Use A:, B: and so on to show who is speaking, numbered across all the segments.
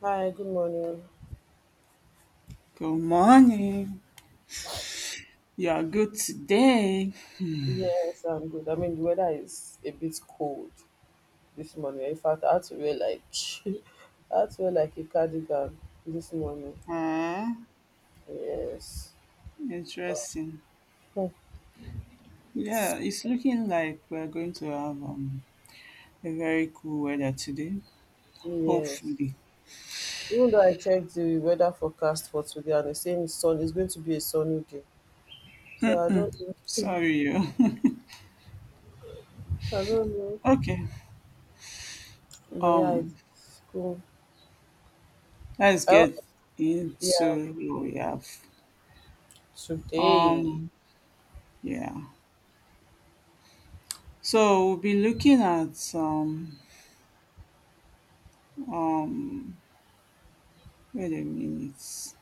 A: Hi, good morning.
B: Good morning. You are good today.
A: Yes, I'm good. I mean, the weather is a bit cold this morning. In fact, I had to wear like I had to wear like a cardigan this morning.
B: Ah,
A: Yes.
B: interesting.
A: Hmm.
B: Yeah, it's looking like we're going to have a very cool weather today.
A: Yes.
B: Hopefully.
A: Even though I checked the weather forecast for today and it's saying it's going to be a sunny day. So I don't know.
B: Sorry. Yo.
A: I don't know.
B: Okay.
A: But yeah,
B: Um,
A: it's cool.
B: let's
A: Oh,
B: get
A: yeah,
B: into what we have.
A: today.
B: Um, yeah. So we'll be looking at um wait a minute.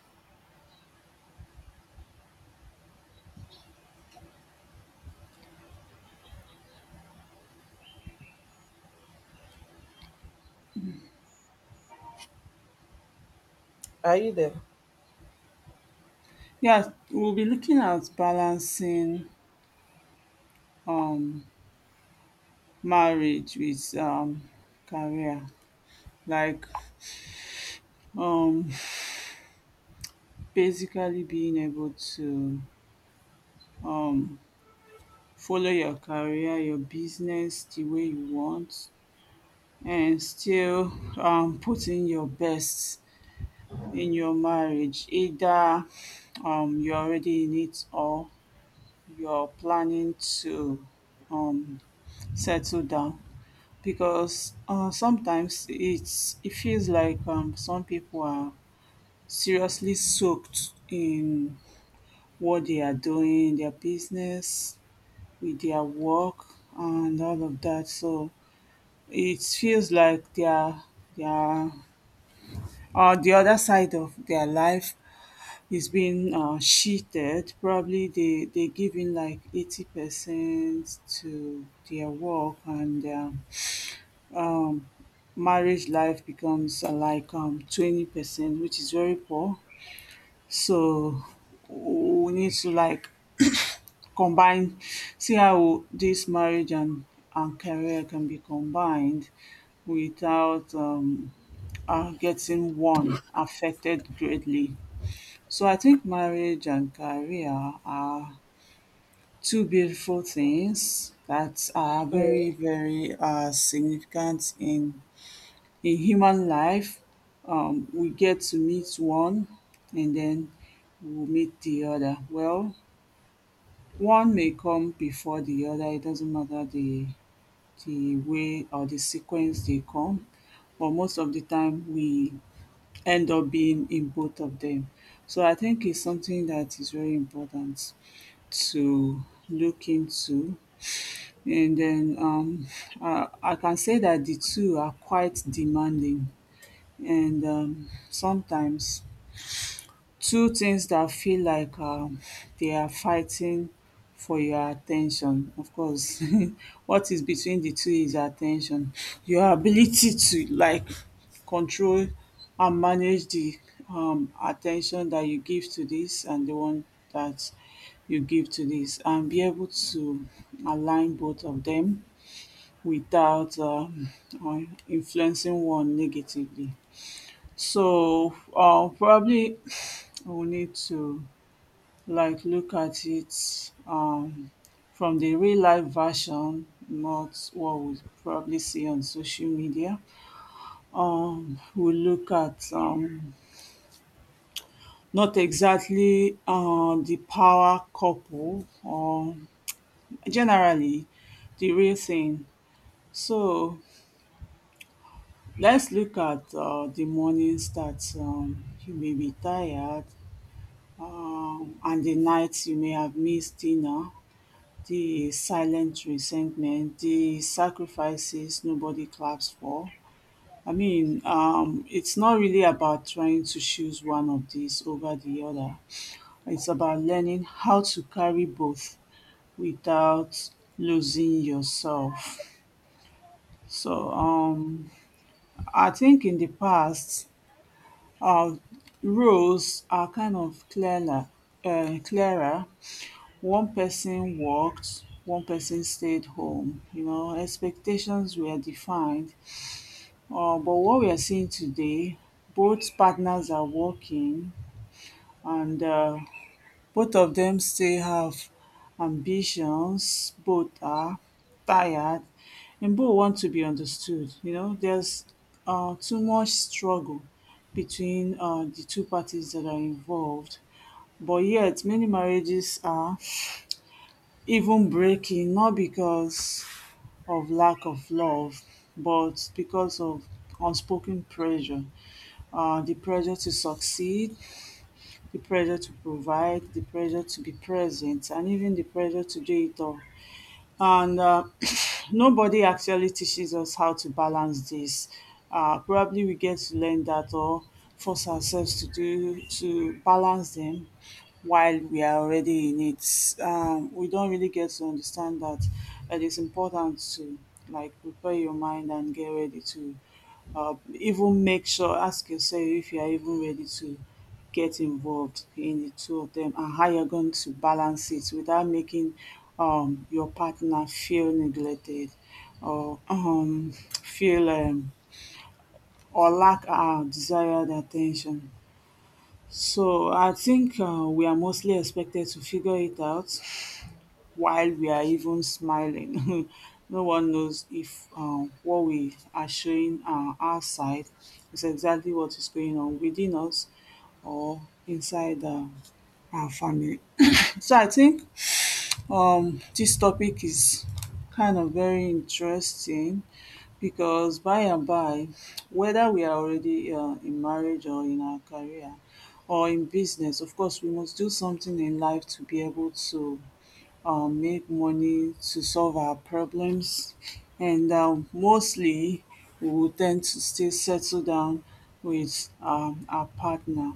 A: Are you there?
B: Yeah, we'll be looking at balancing um marriage with career, like, um basically being able to um follow your career, your business the way you want, and still putting your best in your marriage, either you're already in it or you're planning to um settle down, because sometimes it feels like some people are seriously soaked in what they are doing, their business, with their work and all of that. So it feels like their the other side of their life is being cheated. Probably they giving like 80% to their work, and their um, marriage life becomes like 20%, which is very poor. So we need to, like, combine, see how this marriage and career can be combined without getting one affected greatly. So I think marriage and career are two beautiful things that are very,
A: Yes.
B: very significant in human life. We get to meet one and then we'll meet the other. Well, one may come before the other. It doesn't matter the way or the sequence they come, but most of the time we end up being in both of them. So I think it's something that is very important to look into. And then I can say that the two are quite demanding, and sometimes two things that feel like they are fighting for your attention. Of course, what is between the two is attention. Your ability to, like, control and manage the at that you give to this, and the one that you give to this, and be able to align both of them without influencing one negatively. So, probably we need to, like, look at it from the real life version, not what we probably see on social media. We look at not exactly the power couple, or generally the real thing. So let's look at the mornings that you may be tired. And the nights you may have missed dinner, the silent resentment, the sacrifices nobody claps for. I mean, it's not really about trying to choose one of these over the other. It's about learning how to carry both without losing yourself. So I think in the past, our rules are kind of clearer, clearer. One person worked, one person stayed home, you know, expectations were defined. But what we are seeing today, both partners are working, and both of them still have ambitions, both are tired, and both want to be understood. You know, there's too much struggle between the two parties that are involved. But yet, many marriages are even breaking, not because of lack of love but because of unspoken pressure. The pressure to succeed, the pressure to provide, the pressure to be present, and even the pressure to do it all. And nobody actually teaches us how to balance this. Probably we get to learn that or force ourselves to do to balance them while we are already in it. We don't really get to understand that it is important to, like, prepare your mind and get ready to even make sure ask yourself if you are even ready to get involved in the two of them, and how you're going to balance it without making your partner feel neglected or feel or lack our desired attention. So I think we are mostly expected to figure it out while we are even smiling. No one knows if what we are showing outside is exactly what is going on within us or inside and family. So I think this topic is kind of very interesting because, by and by, whether we are already in marriage or in our career or in business, of course, we must do something in life to be able to make money to solve our problems. And mostly, we will tend to stay settle down with our partner.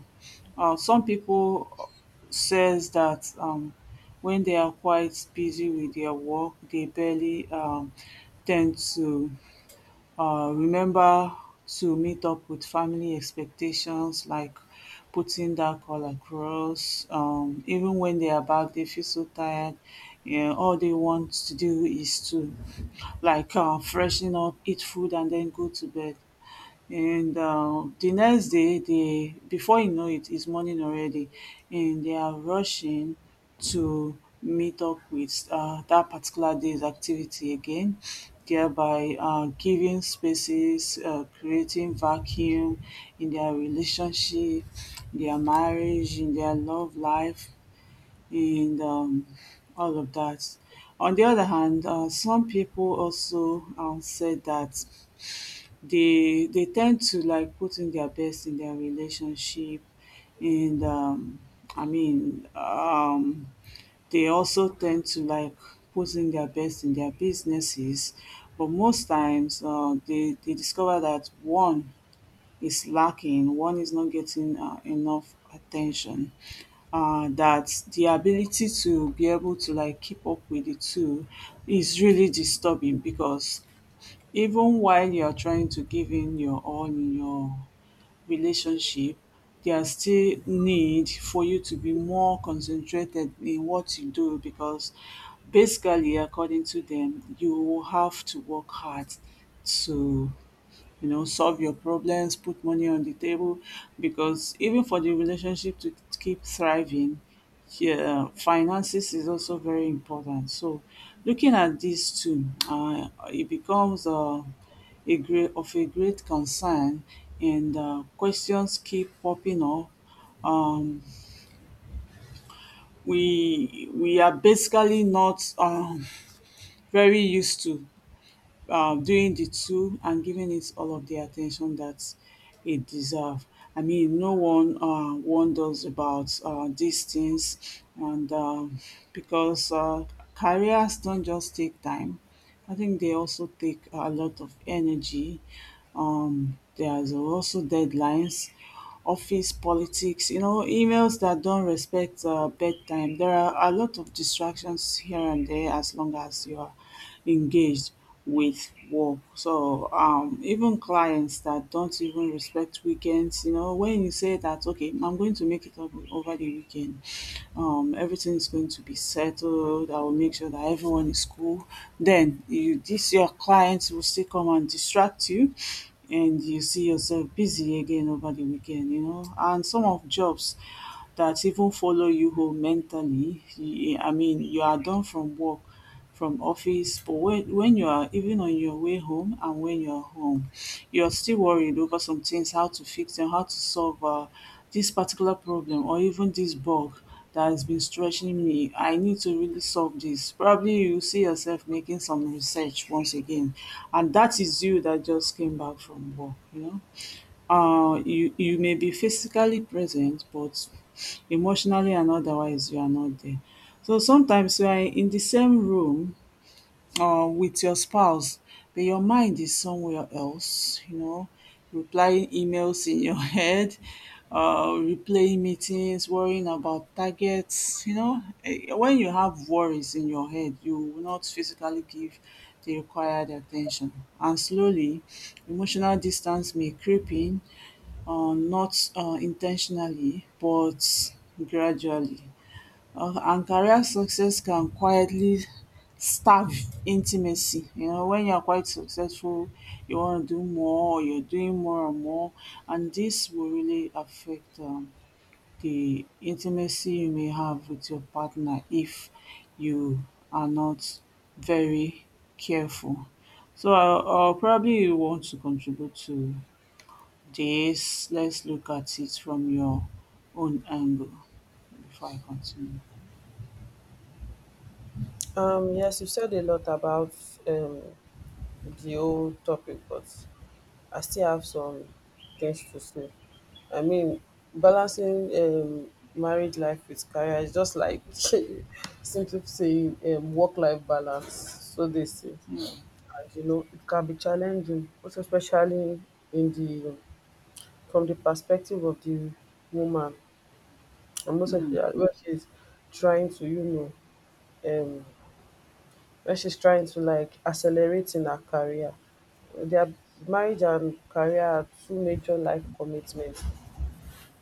B: Some people says that when they are quite busy with their work, they barely tend to remember to meet up with family expectations, like putting that call across. Even when they are back, they feel so tired, yeah, all they want to do is to, like, freshen up, eat food, and then go to bed, and the next day they, before you know it, it's morning already, and they are rushing to meet up with that particular day's activity again, thereby giving spaces, creating vacuum in their relationship, their marriage, in their love life, and all of that. On the other hand, some people also said that they tend to, like, put in their best in their relationship, and i mean um they also tend to, like, put in their best in their businesses, but most times they discover that one is lacking, one is not getting enough attention. Uh, that the ability to be able to, like, keep up with the two is really disturbing, because even while you are trying to give in your all in your relationship, there are still need for you to be more concentrated in what you do, because basically, according to them, you will have to work hard to, you know, solve your problems, put money on the table, because even for the relationship to keep thriving, yeah, finances is also very important. So, looking at these two, it becomes a great concern, and questions keep popping up. Um, we are basically not very used to doing the two and giving it all of the attention that it deserve. I mean, no one wonders about these things, and because careers don't just take time, I think they also take a lot of energy. There's also deadlines, office politics, you know, emails that don't respect bedtime. There are a lot of distractions here and there as long as you are engaged with work. So even clients that don't even respect weekends, you know, when you say that, okay, I'm going to make it up over the weekend, everything is going to be settled. I will make sure that everyone is cool. Then you, this your clients, will still come and distract you, and you see yourself busy again over the weekend, you know. And some of jobs that even follow you home mentally, you, I mean, you are done from work, from office, but when you are even on your way home, and when you're home, you're still worried over some things, how to fix them, how to solve this particular problem, or even this bug that has been stretching me, I need to really solve this. Probably you see yourself making some research once again, and that is you that just came back from work, you know. You may be physically present, but emotionally and otherwise, you are not there. So sometimes we are in the same room with your spouse, but your mind is somewhere else, you know, replying emails in your head, replaying meetings, worrying about targets, you know. Eh, when you have worries in your head, you will not physically give the required attention. And slowly, emotional distance may creep in, not intentionally, but gradually. And career success can quietly starve intimacy. You know, when you are quite successful, you want to do more, or you're doing more and more, and this will really affect the intimacy you may have with your partner if you are not very careful. So I, probably you want to contribute to this. Let's look at it from your own angle before I continue.
A: Yes, you said a lot about um the whole topic, but I still have some things to say. I mean, balancing married life with career is just like simply saying work life balance. So they say, and you know, it can be challenging, most especially in the from the perspective of the woman, and most
B: Mm.
A: especially when she's trying to, you know, um, where she's trying to like accelerate in her career. Their marriage and career are two major life commitments,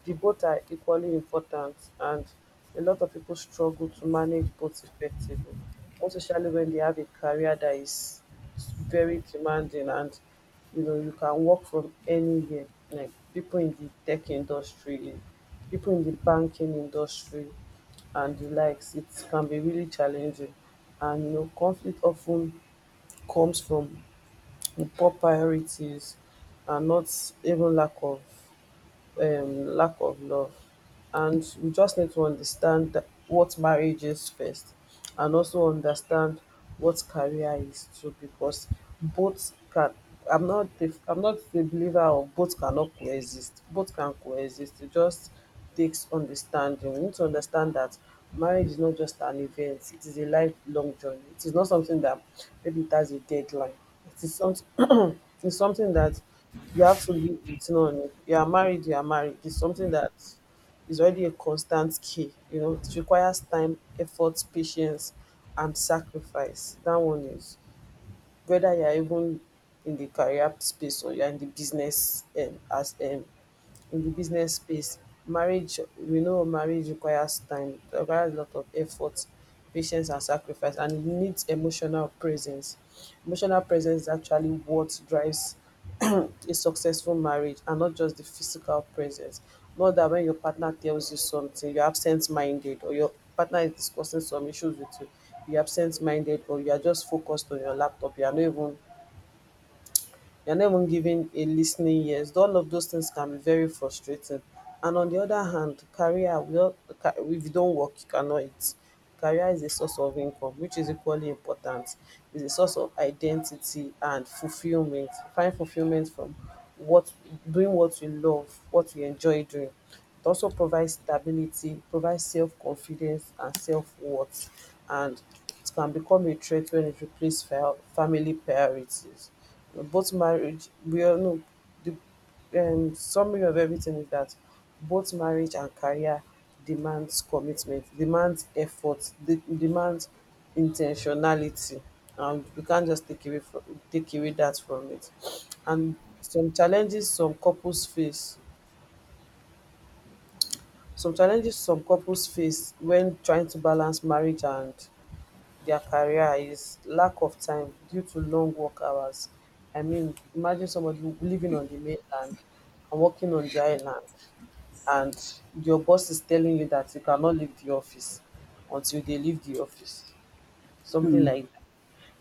A: the both are equally important, and a lot of people struggle to manage both effectively, most especially when they have a career that is very demanding, and you know you can work from anywhere. Like people in the tech industry, people in the banking industry and the likes, it can be really challenging. And you know conflict often comes from poor priorities and not even lack of love. And we just need to understand that what marriage is first, and also understand what career is too, because both can. I'm not the believer of both cannot coexist. Both can coexist. It just takes understanding. We need to understand that marriage is not just an event, it is a lifelong journey. It is not something that maybe it has a deadline. It is something It's something that you have to live with none. You are married, you are married. It's something that is already a constant key. You know, it requires time, effort, patience, and sacrifice. That one is whether you are even in the career space or you are in the business as in the business space. Marriage, we know marriage requires time, it requires a lot of effort, patience and sacrifice, and it needs emotional presence. Emotional presence is actually what drives a successful marriage, and not just the physical presence. Not that when your partner tells you something you're absent minded, or your partner is discussing some issues with you, you're absent minded, or you're just focused on your laptop you're not even giving a listening ears. All of those things can be very frustrating. And on the other hand, if you don't work, you cannot eat. Career is a source of income, which is equally important. It's a source of identity and fulfillment. Find fulfillment from what Doing what you love, what you enjoy doing. It also provides stability, provides self-confidence and self-worth. And it can become a threat when it replaces family priorities. Both marriage, we all know, the summary of everything is that both marriage and career demands commitment, demands effort, demands intentionality, and we can't just take away that from it. And some challenges some couples face some challenges some couples face when trying to balance marriage and their career is lack of time due to long work hours. I mean, imagine somebody living on the mainland and working on the island, and your boss is telling you that you cannot leave the office until they leave the office, something like,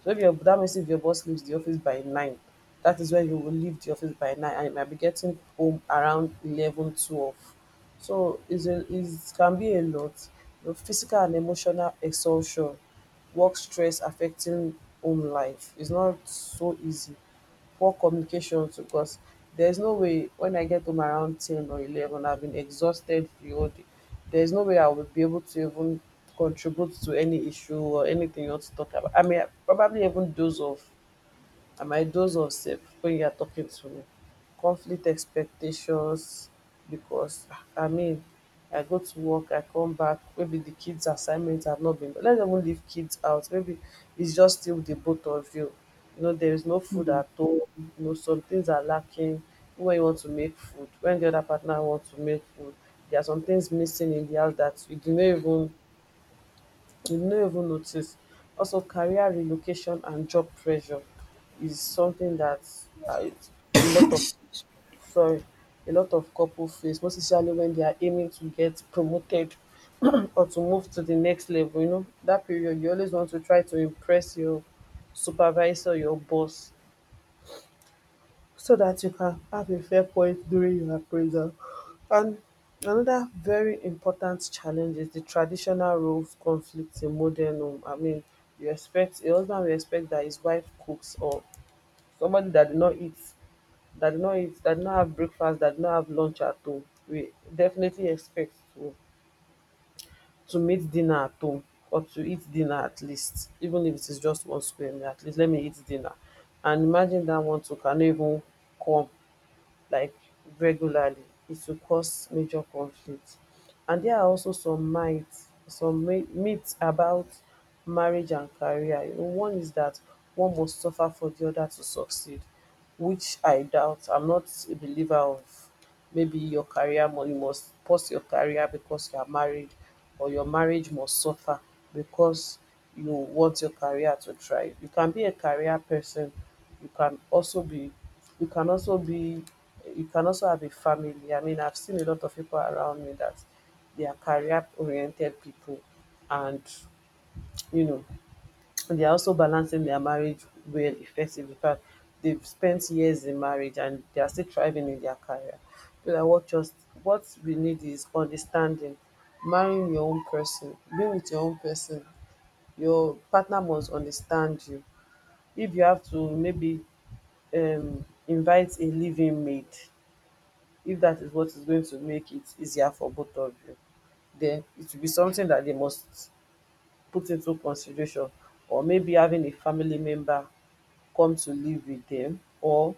A: so if your that means if your boss leaves the office by nine, that is when you will leave the office by nine, and you might be getting home around 11, 12. So is a is can be a lot. The physical and emotional exhaustion, work stress affecting home life. It's not so easy. Poor communication too, because there's no way when I get home around 10 or 11, I've been exhausted the whole day. There's no way I will be able to even contribute to any issue or anything you want to talk about. I mean, probably even doze off and my dose of self when you are talking to me. Conflict expectations, because I mean I go to work, I come back, maybe the kids' assignments have not been, let's even leave kids out. Maybe it's just still the both of you. You know, there is no food
B: Mm,
A: at home, you know, some things are lacking. When you want to make food, when the other partner wants to make food, there are some things missing in the house that you do not even, you no even notice. Also, career relocation and job pressure is something that it's a lot of, sorry, a lot of couples face, most especially when they are aiming to get promoted or to move to the next level. You know that period, you always want to try to impress your supervisor, your boss, so that you can have a fair point during your appraisal. And another very important challenge is the traditional roles conflict in modern home. I mean, you expect a husband will expect that his wife cooks, or somebody that did not eat, that did not eat, that did not have breakfast, that did not have lunch at home. We definitely expect to meet dinner at home or to eat dinner at least, even if it is just one square meal, at least let me eat dinner. And imagine that one too can even come like regularly, it will cause major conflict. And there are also some myths some my- myths about marriage and career. You know, one is that one must suffer for the other to succeed, which I doubt, I'm not a believer of. Maybe your career money must pause your career because you are married, or your marriage must suffer because you want your career to thrive. You can be a career person. You can also be, you can also be, you can also have a family. I mean, I've seen a lot of people around me that they are career oriented people, and you know, and they're also balancing their marriage well effectively. In fact, they've spent years in marriage and they are still thriving in their career. So that what we need is understanding, marrying your own person, being with your own person. Your partner must understand you. If you have to maybe invite a living mate, if that is what is going to make it easier for both of you, then it will be something that they must put into consideration, or maybe having a family member come to live with them, or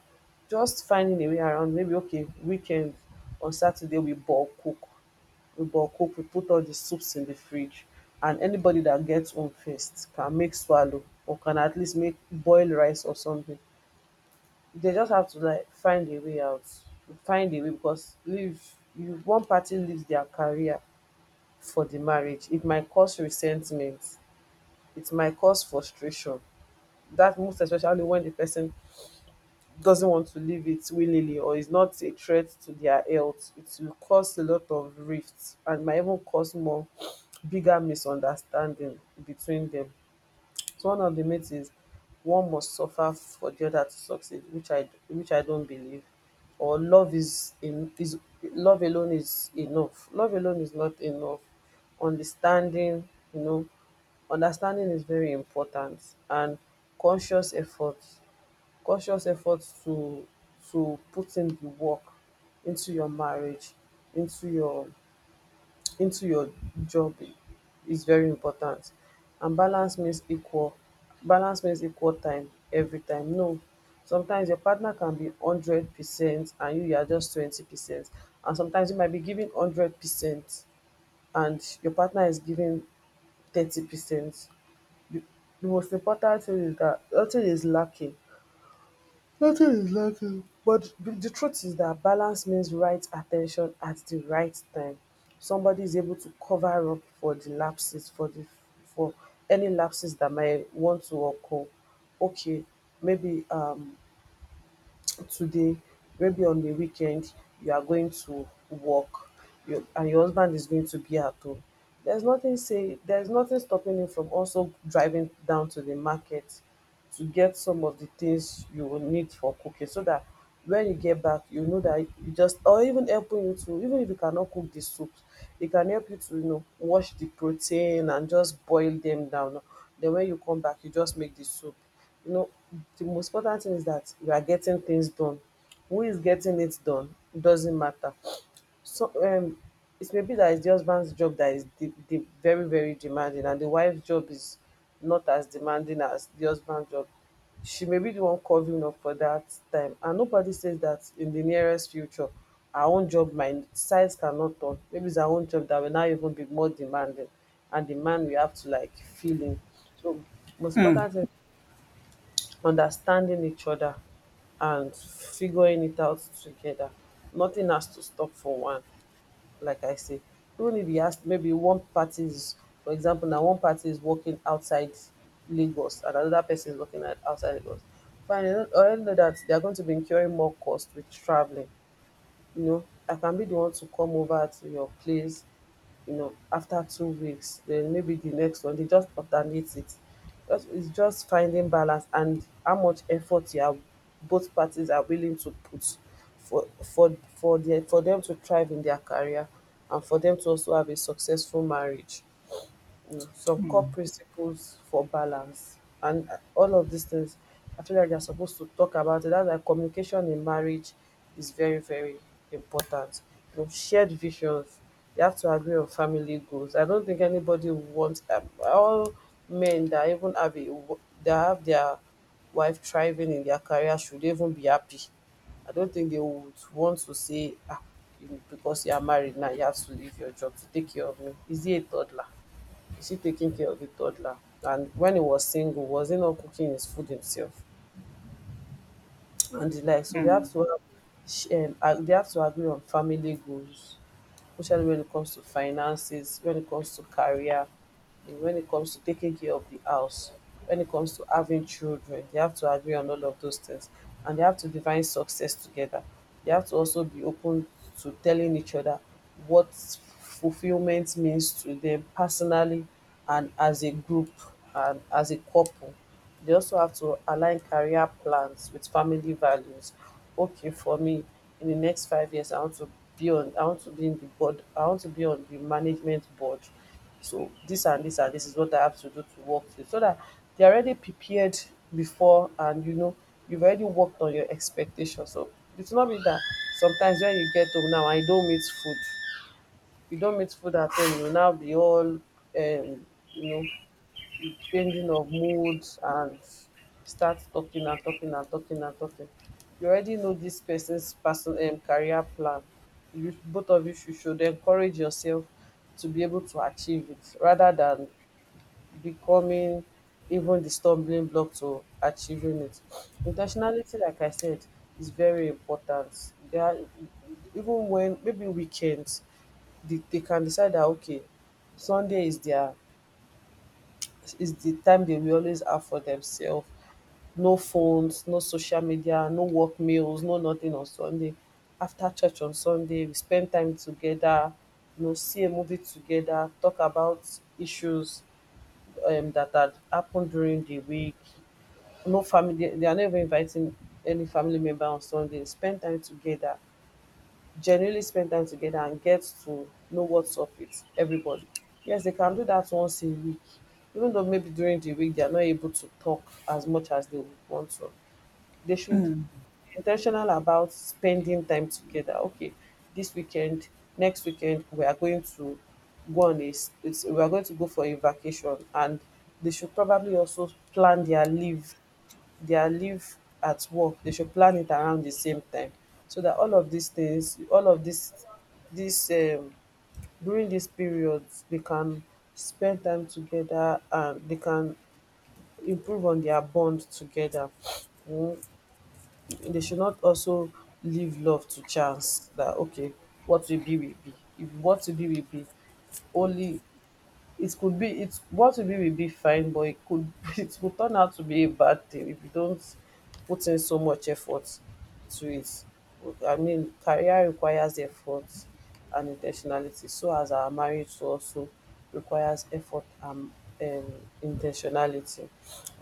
A: just finding a way around. Maybe okay weekend, on Saturday we bulk cook, we put all the soups in the fridge, and anybody that gets home first can make swallow, or can at least make boiled rice or something. They just have to like find a way. Because leave you one party leaves their career for the marriage, it might cause resentment, it might cause frustration. That most especially when the person doesn't want to leave it willingly, or is not a threat to their health, it will cause a lot of rifts and might even cause more bigger misunderstanding between them. So one of the myths is one must suffer for the other to succeed, which I don't believe. Or love alone is enough. Love alone is not enough. Understanding, you know, understanding is very important. And conscious effort conscious effort to put in the work into your marriage, into your into your job is very important. And balance means equal, balance means equal time every time? No. Sometimes your partner can be 100% and you are just 20%, and sometimes you might be giving 100% and your partner is giving 30%. the the most important thing is that nothing is lacking. Nothing is lacking. But the truth is that balance means right attention at the right time. Somebody is able to cover up for the lapses, for the, for any lapses that might want to occur. Okay, maybe today, maybe on the weekend, you are going to work, you, and your husband is going to be at home. There's nothing say there's nothing stopping him from also driving down to the market to get some of the things you will need for cooking so that when you get back you know that you just, or even helping you to, even if you cannot cook the soups, it can help you to, you know, wash the protein and just boil them down. Then when you come back you just make the soup, you know. The most important thing is that you are getting things done. Who is getting it done, it doesn't matter. So it may be that it's the husband's job that is the very very demanding, and the wife's job is not as demanding as the husband's job. She may be the one covering up for that time, and nobody says that in the nearest future, our own job might size cannot turn. Maybe it's our own job that will now even be more demanding, and the man we have to like feel in. So most important thing, understanding each other and figuring it out together. Nothing has to stop for one, like I say. Even if you ask, maybe one party is, for example, now one party is working outside Lagos and another person is working at outside Lagos. Fine, I already know that they are going to be incurring more cost with traveling, you know, I can be the one to come over to your place, you know, after 2 weeks, then maybe the next one, they just alternate it. It's just finding balance and how much effort you are, both parties are willing to put for for their, for them to thrive in their career and for them to also have a successful marriage. Some core
B: mm,
A: principles for balance and all of these things, I feel like they're supposed to talk about it. That's why communication in marriage is very very important. You know, shared visions, you have to agree on family goals. I don't think anybody wants, all men that even have a that have their wife thriving in their career should even be happy. I don't think they would want to say, ah, you, because you are married now, you have to leave your job to take care of me. Is he a toddler? Is he taking care of the toddler? And when he was single, was he not cooking his food himself? And the like. So they have
B: mm.
A: to have, they have to agree on family goals, especially when it comes to finances, when it comes to career, when it comes to taking care of the house, when it comes to having children. They have to agree on all of those things and they have to define success together. They have to also be open to telling each other what fulfillment means to them personally and as a group and as a couple. They also have to align career plans with family values. Okay, for me, in the next 5 years, I want to be on. I want to be in the board. I want to be on the management board. So this and this and this is what I have to do to work today. So that they're already prepared before, and you know, you've already worked on your expectations. So it's not be that sometimes when you get home now I don't meet food, you don't meet food at home, you will now be all you know, changing of moods and start talking and talking and talking and talking. You already know this person's person career plan. You both of you should encourage yourself to be able to achieve it rather than becoming even the stumbling block to achieving it. Intentionality, like I said, is very important. They are, even when maybe weekends, they can decide that okay, Sunday is the time they will always have for themselves. No phones, no social media, no work meals, no nothing on Sunday. After church on Sunday, we spend time together, you know, see a movie together, talk about issues that had happened during the week. No family, they are never inviting any family member on Sunday. Spend time together, genuinely spend time together and get to know what's up with everybody. Yes, they can do that once a week, even though maybe during the week they are not able to talk as much as they would want to. They should be intentional about spending time together. Okay, this weekend, next weekend, we are going to go on a, s- it's, we are going to go for a vacation, and they should probably also plan their leave, at work, they should plan it around the same time. So that all of these things, all of this, this um, during these periods, they can spend time together and they can improve on their bond together. Mm, they should not also leave love to chance. That okay, what will be will be. If what will be, only it could be it what we did will be fine, but it could it could turn out to be a bad thing if you don't put in so much effort to it. I mean, career requires effort and intentionality, so as our marriage too also requires effort and in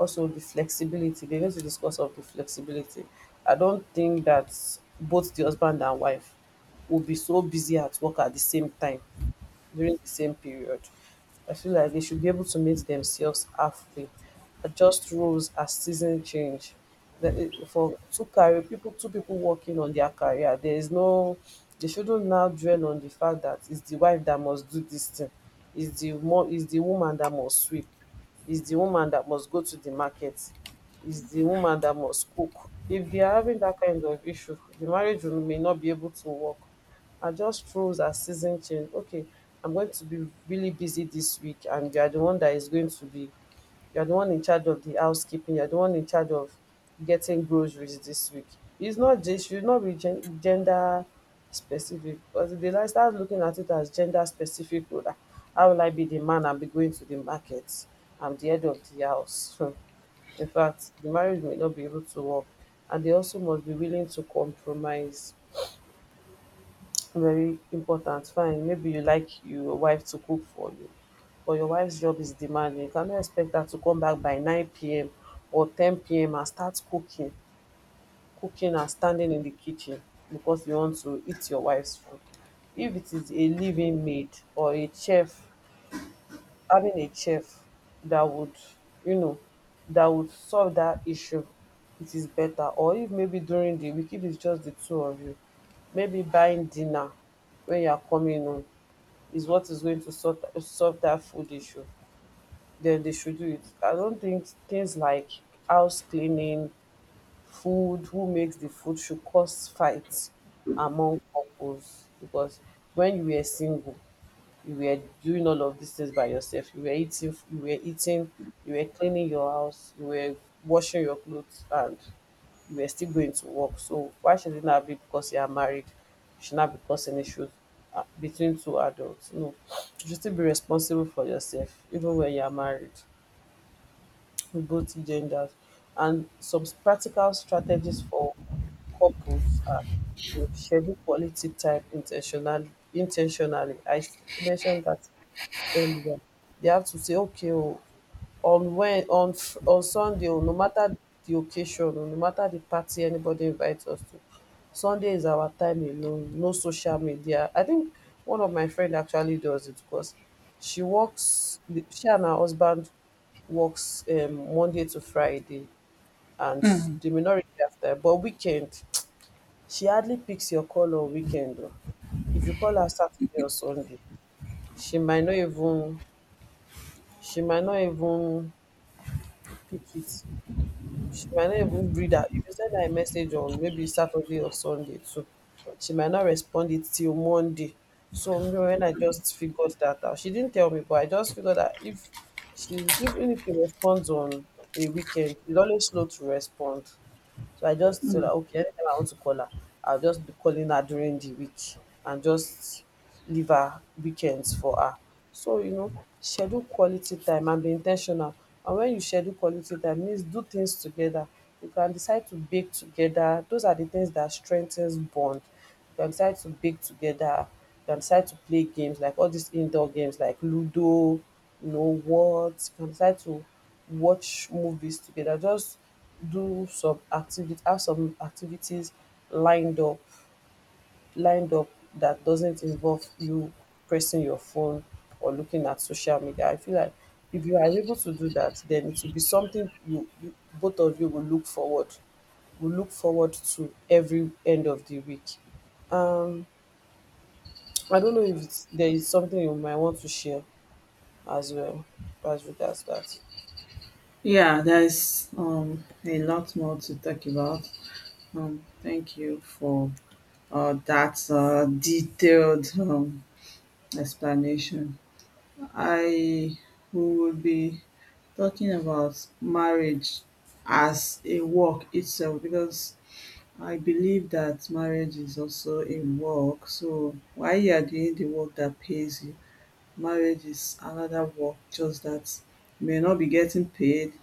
A: also the flexibility dey need to discuss of the flexibility. I don't think that both the husband and wife will be so busy at work at the same time during the same period. I feel like they should be able to meet themselves halfway, adjust roles as season change. For two career people, two people working on their career, there is no. They shouldn't now dwell on the fact that it's the wife that must do this thing, it's the woman that must sweep, it's the woman that must go to the market, it's the woman that must cook. If they are having that kind of issue, the marriage may not be able to work. I just froze as season change. Okay, I'm going to be really busy this week, and you are the one that is going to be, you are the one in charge of the housekeeping, you are the one in charge of getting groceries this week. It's not just, should not be gender specific, because if they like start looking at it as gender specific, oh, ah, how will I be the man and be going to the market? I'm the head of the house. In fact, the marriage may not be able to work, and they also must be willing to compromise. Very important. Fine, maybe you like your wife to cook for you, but your wife's job is demanding, you cannot expect her to come back by 9 p.m. or 10 p.m. and start cooking and standing in the kitchen because you want to eat your wife's food. If it is a living maid or a chef, having a chef that would, you know, that would solve that issue, it is better. Or if maybe during the week, if it's just the two of you, maybe buying dinner when you are coming home is what is going to solve that food issue. Then they should do it. I don't think things like house cleaning, food, who makes the food should cause fights among couples, because when you were single, you were doing all of these things by yourself. You were eating you were cleaning your house, you were washing your clothes, and you were still going to work. So why should it not be, because you are married, you should not be causing issues between two adults. No, you should still be responsible for yourself even when you are married, with both genders. And some practical strategies for couples are, you know, schedule quality time intentionally. I mentioned that earlier. They have to say, okay, oh, on when on Fr- on Sunday, oh, no matter the occasion, oh, no matter the party anybody invites us to, Sunday is our time alone. No social media. I think one of my friend actually does it. Because she works, she and her husband works Monday to Friday, and the minority after. But weekend, she hardly picks your call on weekend. Oh. If you call her Saturday or Sunday, she might not even, she might not even pick it. She might not even read her. If you send her a message on maybe Saturday or Sunday too, she might not respond it till Monday. So me, when I just figured that out, she didn't tell me, but I just figured that if she's, even if she responds on a weekend, it's always slow to respond. So I just, so okay, anytime I want to call her, I'll just be calling her during the week and just leave her weekends for her. So, you know, schedule quality time and be intentional. And when you schedule quality time, means do things together. You can decide to bake together. Those are the things that strengthens bond. You can decide to bake together. You can decide to play games, like all these indoor games like Ludo, you know, what. You can decide to watch movies together. Just do some activity, have some activities lined up, lined up that doesn't involve you pressing your phone or looking at social media. I feel like if you are able to do that, then it will be something you both of you will look forward, to every end of the week. I don't know if it's, there is something you might want to share as well as regards that.
B: Yeah, there's a lot more to talk about. Thank you for that detailed explanation. I will be talking about marriage as a work itself, because I believe that marriage is also a work. So while you are doing the work that pays you, marriage is another work, just that you may not be getting paid,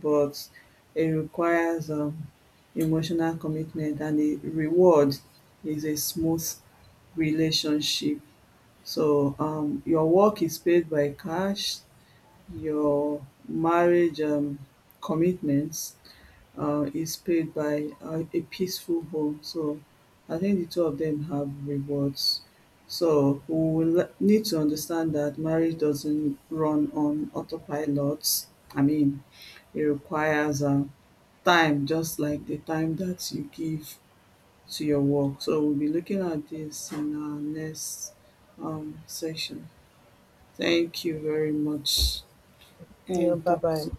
B: but it requires emotional commitment, and the reward is a smooth relationship. So your work is paid by cash, your marriage commitments is paid by a peaceful home. So I think the two of them have rewards. So we will need to understand that marriage doesn't run on autopilot. I mean, it requires time, just like the time that you give to your work. So we'll be looking at this in our next session. Thank you very much,
A: Yeah,
B: and
A: bye
B: talk
A: bye.
B: soon.